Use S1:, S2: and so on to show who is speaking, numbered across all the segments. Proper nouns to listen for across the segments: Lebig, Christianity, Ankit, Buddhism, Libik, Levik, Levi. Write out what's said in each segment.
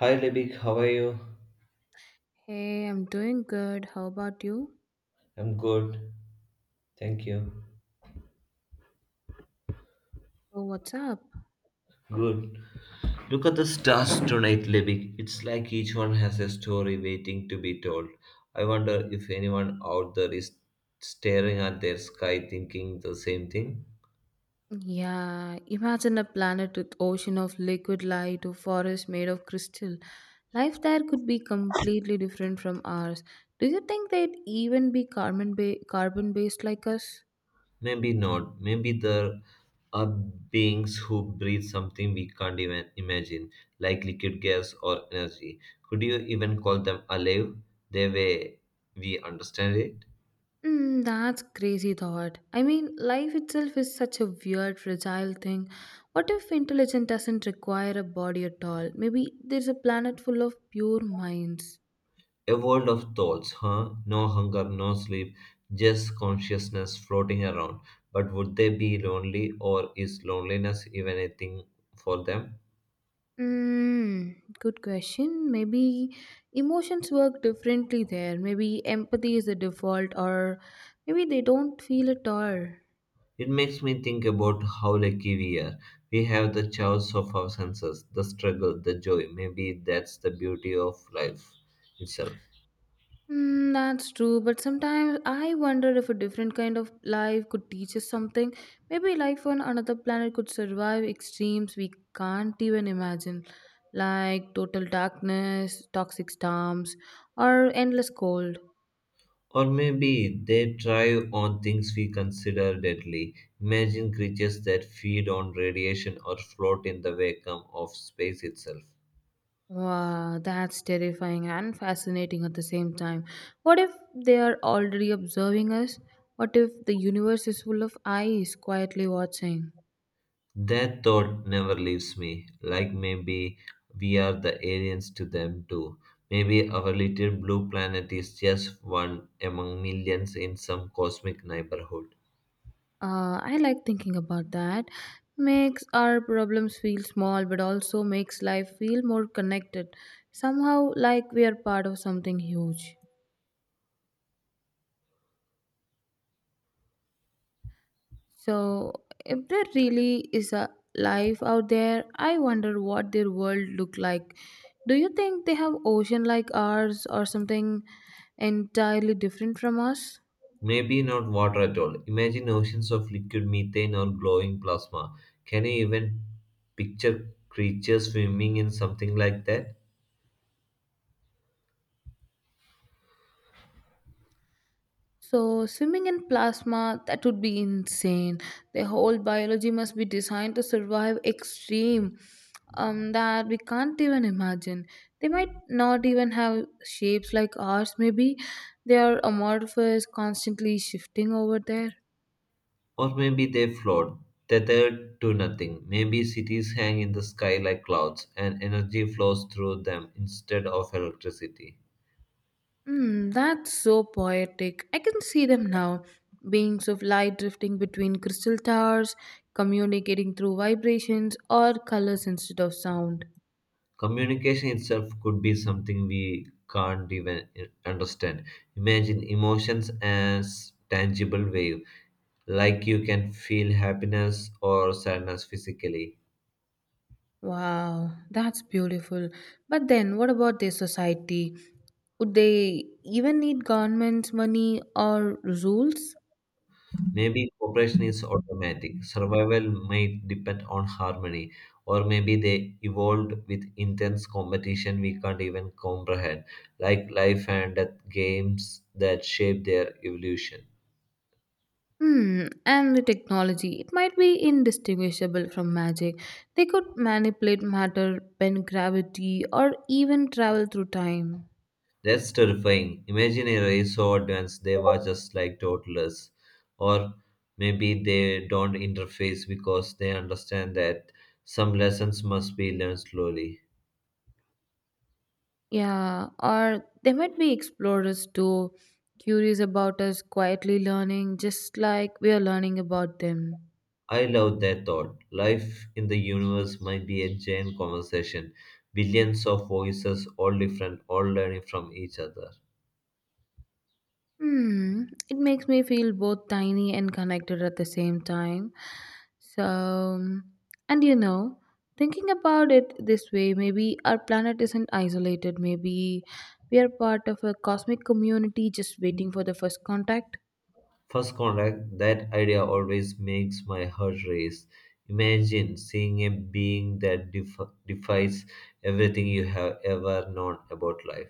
S1: Hi Libik, how are you?
S2: Hey, I'm doing good. How about you?
S1: I'm good. Thank you.
S2: So what's up?
S1: Good. Look at the stars tonight, Libik. It's like each one has a story waiting to be told. I wonder if anyone out there is staring at their sky thinking the same thing.
S2: Yeah, imagine a planet with ocean of liquid light or forest made of crystal. Life there could be completely different from ours. Do you think they'd even be carbon based like us?
S1: Maybe not. Maybe there are beings who breathe something we can't even imagine, like liquid gas or energy. Could you even call them alive the way we understand it?
S2: That's crazy thought. I mean, life itself is such a weird, fragile thing. What if intelligence doesn't require a body at all? Maybe there's a planet full of pure minds.
S1: A world of thoughts, huh? No hunger, no sleep, just consciousness floating around. But would they be lonely, or is loneliness even a thing for them?
S2: Good question. Maybe emotions work differently there. Maybe empathy is the default, or maybe they don't feel at all.
S1: It makes me think about how lucky we are. We have the chaos of our senses, the struggle, the joy. Maybe that's the beauty of life itself.
S2: That's true, but sometimes I wonder if a different kind of life could teach us something. Maybe life on another planet could survive extremes we can't even imagine, like total darkness, toxic storms, or endless cold.
S1: Or maybe they thrive on things we consider deadly. Imagine creatures that feed on radiation or float in the vacuum of space itself.
S2: Wow, that's terrifying and fascinating at the same time. What if they are already observing us? What if the universe is full of eyes quietly watching?
S1: That thought never leaves me. Like maybe we are the aliens to them too. Maybe our little blue planet is just one among millions in some cosmic neighborhood.
S2: I like thinking about that. Makes our problems feel small, but also makes life feel more connected. Somehow, like we are part of something huge. So, if there really is a life out there, I wonder what their world look like. Do you think they have ocean like ours or something entirely different from us?
S1: Maybe not water at all. Imagine oceans of liquid methane or glowing plasma. Can you even picture creatures swimming in something like that?
S2: So, swimming in plasma, that would be insane. Their whole biology must be designed to survive extreme that we can't even imagine. They might not even have shapes like ours maybe. They are amorphous, constantly shifting over there.
S1: Or maybe they float, tethered to nothing. Maybe cities hang in the sky like clouds, and energy flows through them instead of electricity.
S2: That's so poetic. I can see them now. Beings of light drifting between crystal towers, communicating through vibrations or colors instead of sound.
S1: Communication itself could be something we can't even understand. Imagine emotions as tangible wave, like you can feel happiness or sadness physically.
S2: Wow, that's beautiful. But then, what about their society? Would they even need governments, money, or rules?
S1: Maybe cooperation is automatic, survival might depend on harmony, or maybe they evolved with intense competition we can't even comprehend, like life and death games that shape their evolution.
S2: And the technology. It might be indistinguishable from magic. They could manipulate matter, bend gravity, or even travel through time.
S1: That's terrifying. Imagine a race so advanced they were just like toddlers, or maybe they don't interface because they understand that some lessons must be learned slowly.
S2: Yeah, or they might be explorers too, curious about us, quietly learning, just like we are learning about them.
S1: I love that thought. Life in the universe might be a giant conversation, billions of voices, all different, all learning from each other.
S2: Hmm, it makes me feel both tiny and connected at the same time. So, and you know, thinking about it this way, maybe our planet isn't isolated, maybe we are part of a cosmic community just waiting for the first contact.
S1: First contact, that idea always makes my heart race. Imagine seeing a being that defies everything you have ever known about life.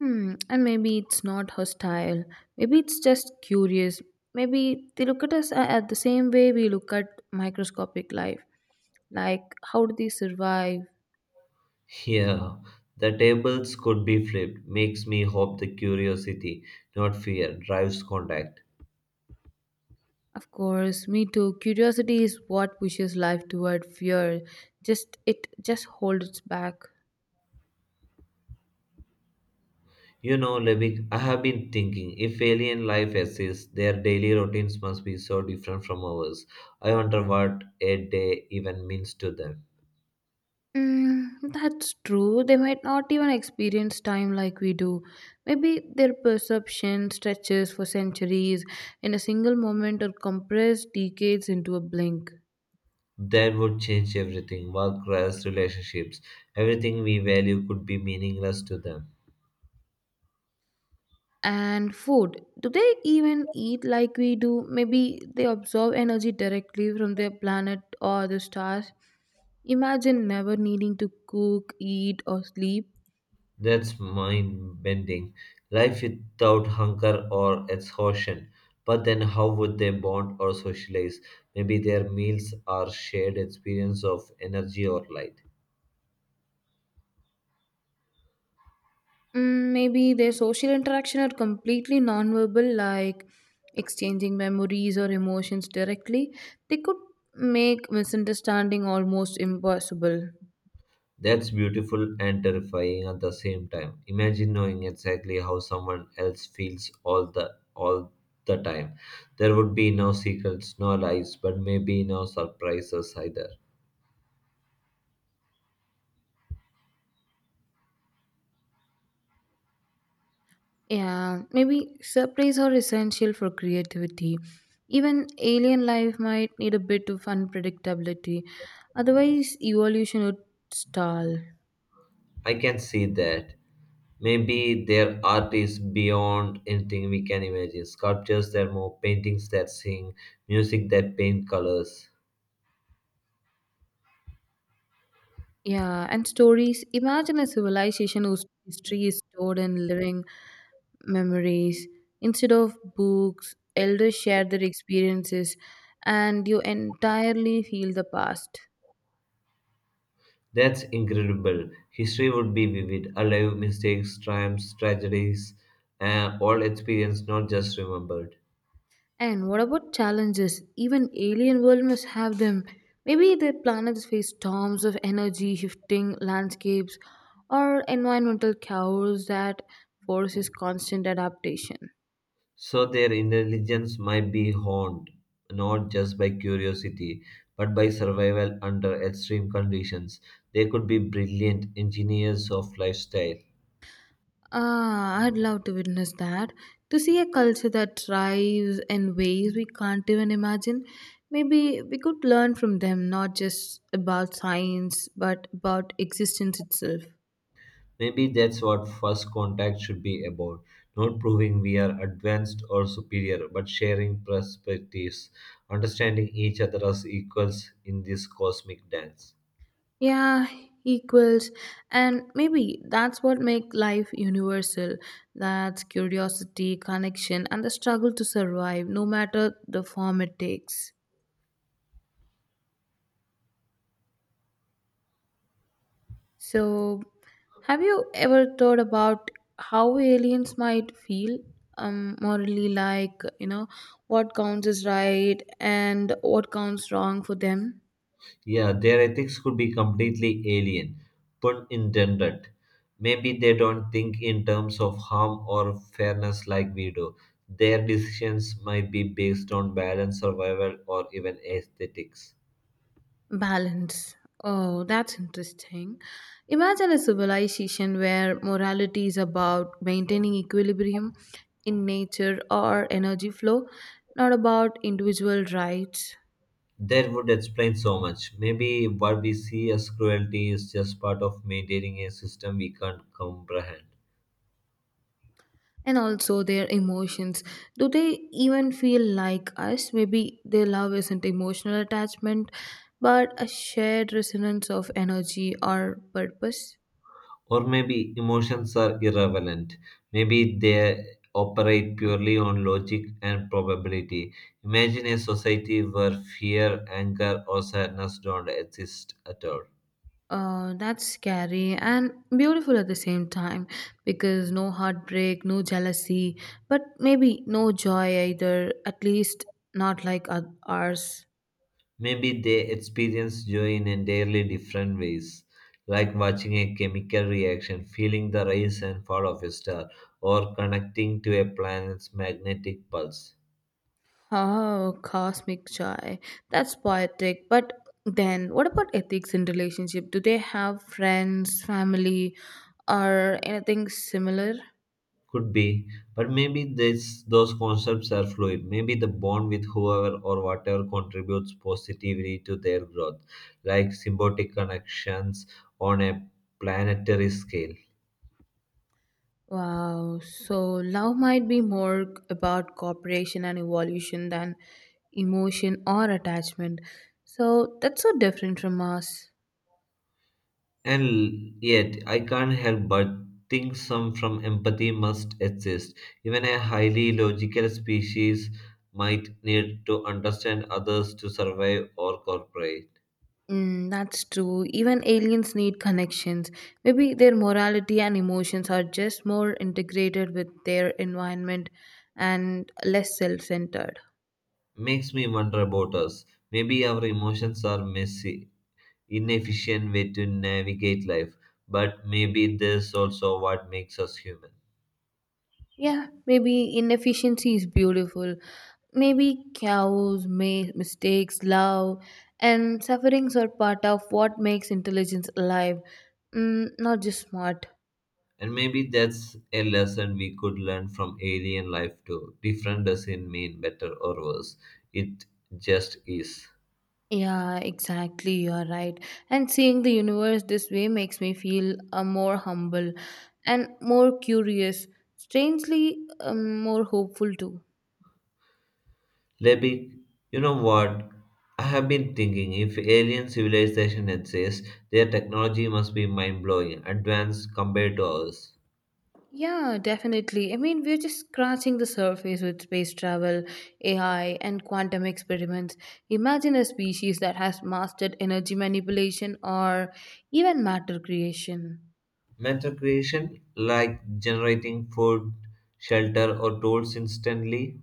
S2: And maybe it's not hostile. Maybe it's just curious. Maybe they look at at the same way we look at microscopic life. Like, how do they survive?
S1: Yeah, the tables could be flipped, makes me hope the curiosity, not fear, drives contact.
S2: Of course, me too. Curiosity is what pushes life toward fear. Just it just holds back.
S1: You know, Levik, I have been thinking if alien life exists, their daily routines must be so different from ours. I wonder what a day even means to them.
S2: That's true. They might not even experience time like we do. Maybe their perception stretches for centuries in a single moment or compressed decades into a blink.
S1: That would change everything work, rest, relationships. Everything we value could be meaningless to them.
S2: And food. Do they even eat like we do? Maybe they absorb energy directly from their planet or the stars. Imagine never needing to cook, eat, or sleep.
S1: That's mind bending. Life without hunger or exhaustion. But then, how would they bond or socialize? Maybe their meals are shared experience of energy or light.
S2: Maybe their social interaction are completely nonverbal, like exchanging memories or emotions directly. They could make misunderstanding almost impossible.
S1: That's beautiful and terrifying at the same time. Imagine knowing exactly how someone else feels all the time. There would be no secrets, no lies, but maybe no surprises either.
S2: Yeah, maybe surprise are essential for creativity. Even alien life might need a bit of unpredictability, otherwise, evolution would stall.
S1: I can see that. Maybe their art is beyond anything we can imagine. Sculptures that move, paintings that sing, music that paint colors.
S2: Yeah, and stories. Imagine a civilization whose history is stored in living memories. Instead of books, elders share their experiences, and you entirely feel the past.
S1: That's incredible. History would be vivid, alive, mistakes, triumphs, tragedies, all experienced, not just remembered.
S2: And what about challenges? Even alien world must have them. Maybe their planets face storms of energy, shifting landscapes, or environmental chaos that forces constant adaptation.
S1: So their intelligence might be honed, not just by curiosity, but by survival under extreme conditions. They could be brilliant engineers of lifestyle.
S2: Ah, I'd love to witness that. To see a culture that thrives in ways we can't even imagine. Maybe we could learn from them, not just about science, but about existence itself.
S1: Maybe that's what first contact should be about, not proving we are advanced or superior, but sharing perspectives, understanding each other as equals in this cosmic dance.
S2: Yeah, equals. And maybe that's what make life universal. That's curiosity, connection, and the struggle to survive, no matter the form it takes. So, have you ever thought about how aliens might feel? Morally, like, what counts as right and what counts wrong for them?
S1: Yeah, their ethics could be completely alien, pun intended. Maybe they don't think in terms of harm or fairness like we do. Their decisions might be based on balance, survival, or even aesthetics.
S2: Balance. Oh, that's interesting. Imagine a civilization where morality is about maintaining equilibrium in nature or energy flow, not about individual rights
S1: That would explain so much. Maybe what we see as cruelty is just part of maintaining a system we can't comprehend.
S2: and also their emotions. Do they even feel like us? Maybe their love isn't emotional attachment, but a shared resonance of energy or purpose.
S1: Or maybe emotions are irrelevant. Maybe they operate purely on logic and probability. Imagine a society where fear, anger, or sadness don't exist at all.
S2: That's scary and beautiful at the same time because no heartbreak, no jealousy, but maybe no joy either, at least not like ours.
S1: Maybe they experience joy in entirely different ways, like watching a chemical reaction, feeling the rise and fall of a star, or connecting to a planet's magnetic pulse.
S2: Oh, cosmic joy. That's poetic. But then, what about ethics in relationship? Do they have friends, family, or anything similar?
S1: Could be, but maybe this, those concepts are fluid. Maybe the bond with whoever or whatever contributes positively to their growth, like symbiotic connections on a planetary scale.
S2: Wow, so love might be more about cooperation and evolution than emotion or attachment. So that's so different from us.
S1: And yet, I can't help but think some from empathy must exist. Even a highly logical species might need to understand others to survive or cooperate.
S2: That's true. Even aliens need connections. Maybe their morality and emotions are just more integrated with their environment and less self centered.
S1: Makes me wonder about us. Maybe our emotions are messy, inefficient way to navigate life, but maybe this also what makes us human.
S2: Yeah, maybe inefficiency is beautiful. Maybe chaos, mistakes, love, and sufferings are part of what makes intelligence alive, not just smart.
S1: And maybe that's a lesson we could learn from alien life too. Different doesn't mean better or worse, it just is.
S2: Yeah, exactly. You are right. And seeing the universe this way makes me feel more humble and more curious. Strangely, more hopeful too.
S1: Lebig, you know what? I have been thinking if alien civilization exists, their technology must be mind blowing, advanced compared to ours.
S2: Yeah, definitely. I mean, we're just scratching the surface with space travel, AI, and quantum experiments. Imagine a species that has mastered energy manipulation or even matter creation.
S1: Mental creation, like generating food, shelter, or tools instantly,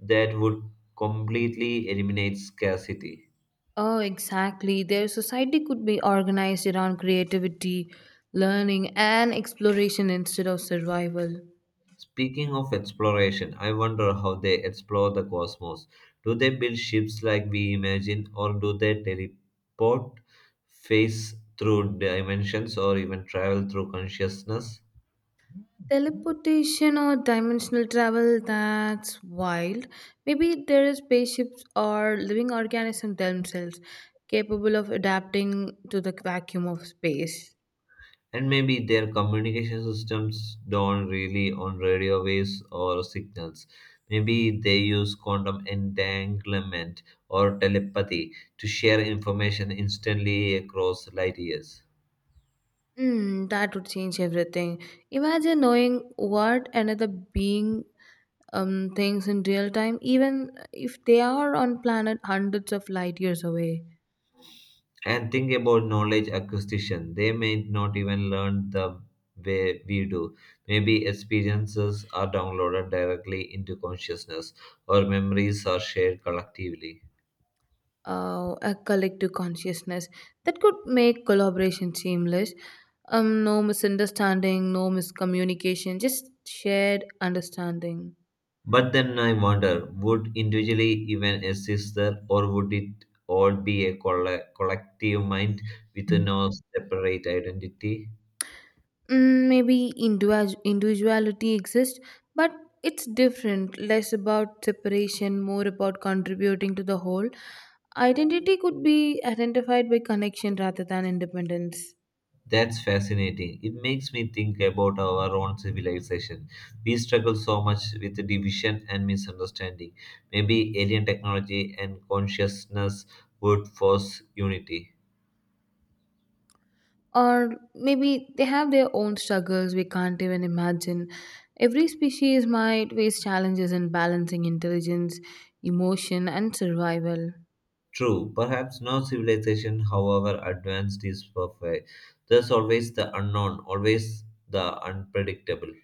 S1: that would completely eliminate scarcity.
S2: Oh, exactly. Their society could be organized around creativity, learning, and exploration instead of survival.
S1: Speaking of exploration, I wonder how they explore the cosmos. Do they build ships like we imagine, or do they teleport, phase through dimensions, or even travel through consciousness?
S2: Teleportation or dimensional travel, that's wild. Maybe there are spaceships or living organisms themselves capable of adapting to the vacuum of space.
S1: And maybe their communication systems don't really on radio waves or signals. Maybe they use quantum entanglement or telepathy to share information instantly across light years.
S2: That would change everything. Imagine knowing what another being thinks in real time, even if they are on planet hundreds of light years away.
S1: And think about knowledge acquisition. They may not even learn the way we do. Maybe experiences are downloaded directly into consciousness or memories are shared collectively.
S2: A collective consciousness that could make collaboration seamless. No misunderstanding, no miscommunication, just shared understanding.
S1: But then I wonder would individually even exist there or would it all be a collective mind with no separate identity?
S2: Maybe individuality exists, but it's different, less about separation, more about contributing to the whole. Identity could be identified by connection rather than independence.
S1: That's fascinating. It makes me think about our own civilization. We struggle so much with division and misunderstanding. Maybe alien technology and consciousness would force unity.
S2: Or maybe they have their own struggles we can't even imagine. Every species might face challenges in balancing intelligence, emotion, and survival.
S1: True, perhaps no civilization, however advanced, is perfect. There's always the unknown, always the unpredictable.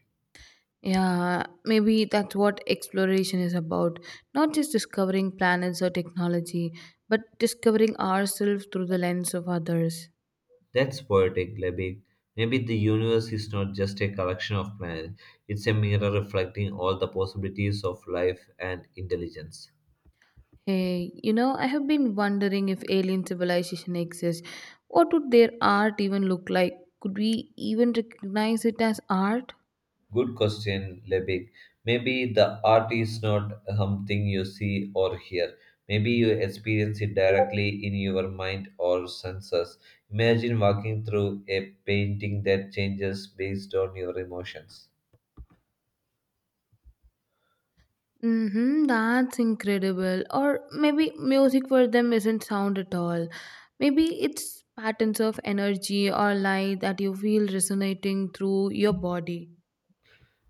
S2: Yeah, maybe that's what exploration is about. Not just discovering planets or technology, but discovering ourselves through the lens of others.
S1: That's poetic, Lebig. Maybe the universe is not just a collection of planets, it's a mirror reflecting all the possibilities of life and intelligence.
S2: Hey, you know, I have been wondering if alien civilization exists. What would their art even look like? Could we even recognize it as art?
S1: Good question, Lebig. Maybe the art is not something you see or hear. Maybe you experience it directly in your mind or senses. Imagine walking through a painting that changes based on your emotions.
S2: Mhm, that's incredible. Or maybe music for them isn't sound at all. Maybe it's patterns of energy or light that you feel resonating through your body.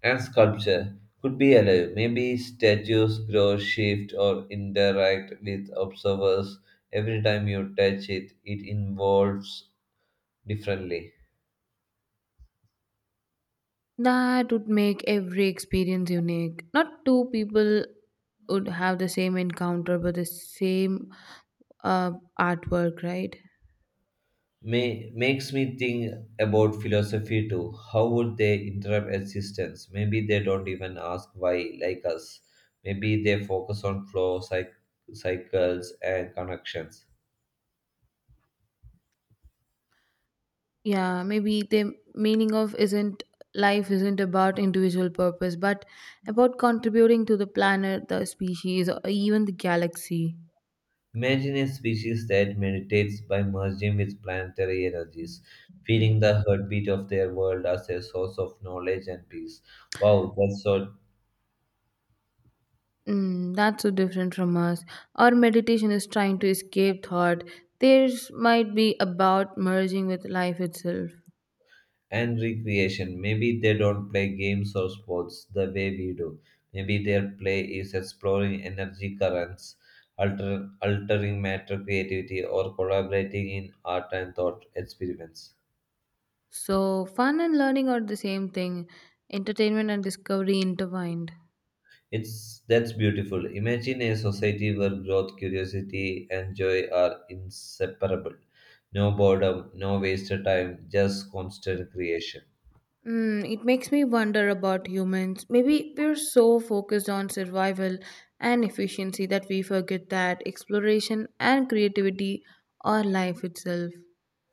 S1: And sculpture could be alive. Maybe statues grow, shift, or interact with observers. Every time you touch it, it evolves differently.
S2: That would make every experience unique. Not two people would have the same encounter but the same uh, artwork, right?
S1: Makes me think about philosophy too. How would they interrupt existence? Maybe they don't even ask why, like us. Maybe they focus on flow, cycles, and connections.
S2: Yeah, maybe the meaning of isn't life isn't about individual purpose but about contributing to the planet, the species, or even the galaxy.
S1: Imagine a species that meditates by merging with planetary energies, feeling the heartbeat of their world as a source of knowledge and peace. Wow, that's so.
S2: That's so different from us. Our meditation is trying to escape thought, theirs might be about merging with life itself.
S1: And recreation. Maybe they don't play games or sports the way we do. Maybe their play is exploring energy currents, altering matter creativity, or collaborating in art and thought experiments.
S2: So fun and learning are the same thing, entertainment and discovery intertwined.
S1: It's that's beautiful. Imagine a society where growth, curiosity, and joy are inseparable. No boredom, no wasted time, just constant creation.
S2: It makes me wonder about humans. Maybe we're so focused on survival and efficiency that we forget that exploration and creativity are life itself.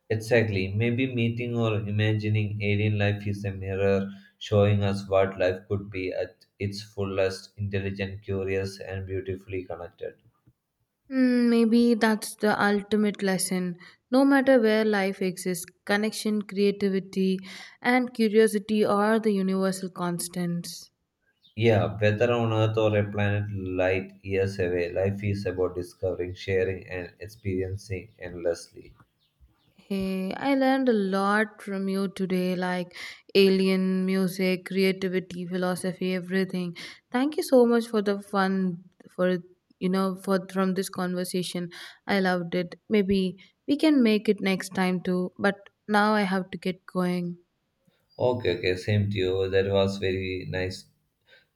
S1: Exactly. Maybe meeting or imagining alien life is a mirror showing us what life could be at its fullest intelligent, curious, and beautifully connected.
S2: Maybe that's the ultimate lesson. No matter where life exists, connection, creativity, and curiosity are the universal constants.
S1: Yeah, whether on Earth or a planet light years away, life is about discovering, sharing, and experiencing endlessly.
S2: Hey, I learned a lot from you today, like alien music, creativity, philosophy, everything. Thank you so much for the fun for you know for from this conversation. I loved it. Maybe we can make it next time too, but now I have to get going.
S1: Okay, okay, same to you.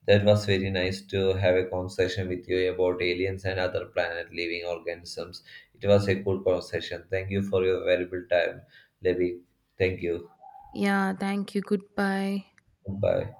S1: That was very nice to have a conversation with you about aliens and other planet living organisms. It was a cool conversation. Thank you for your valuable time, Levi. Thank you.
S2: Yeah, thank you. Goodbye.
S1: Bye.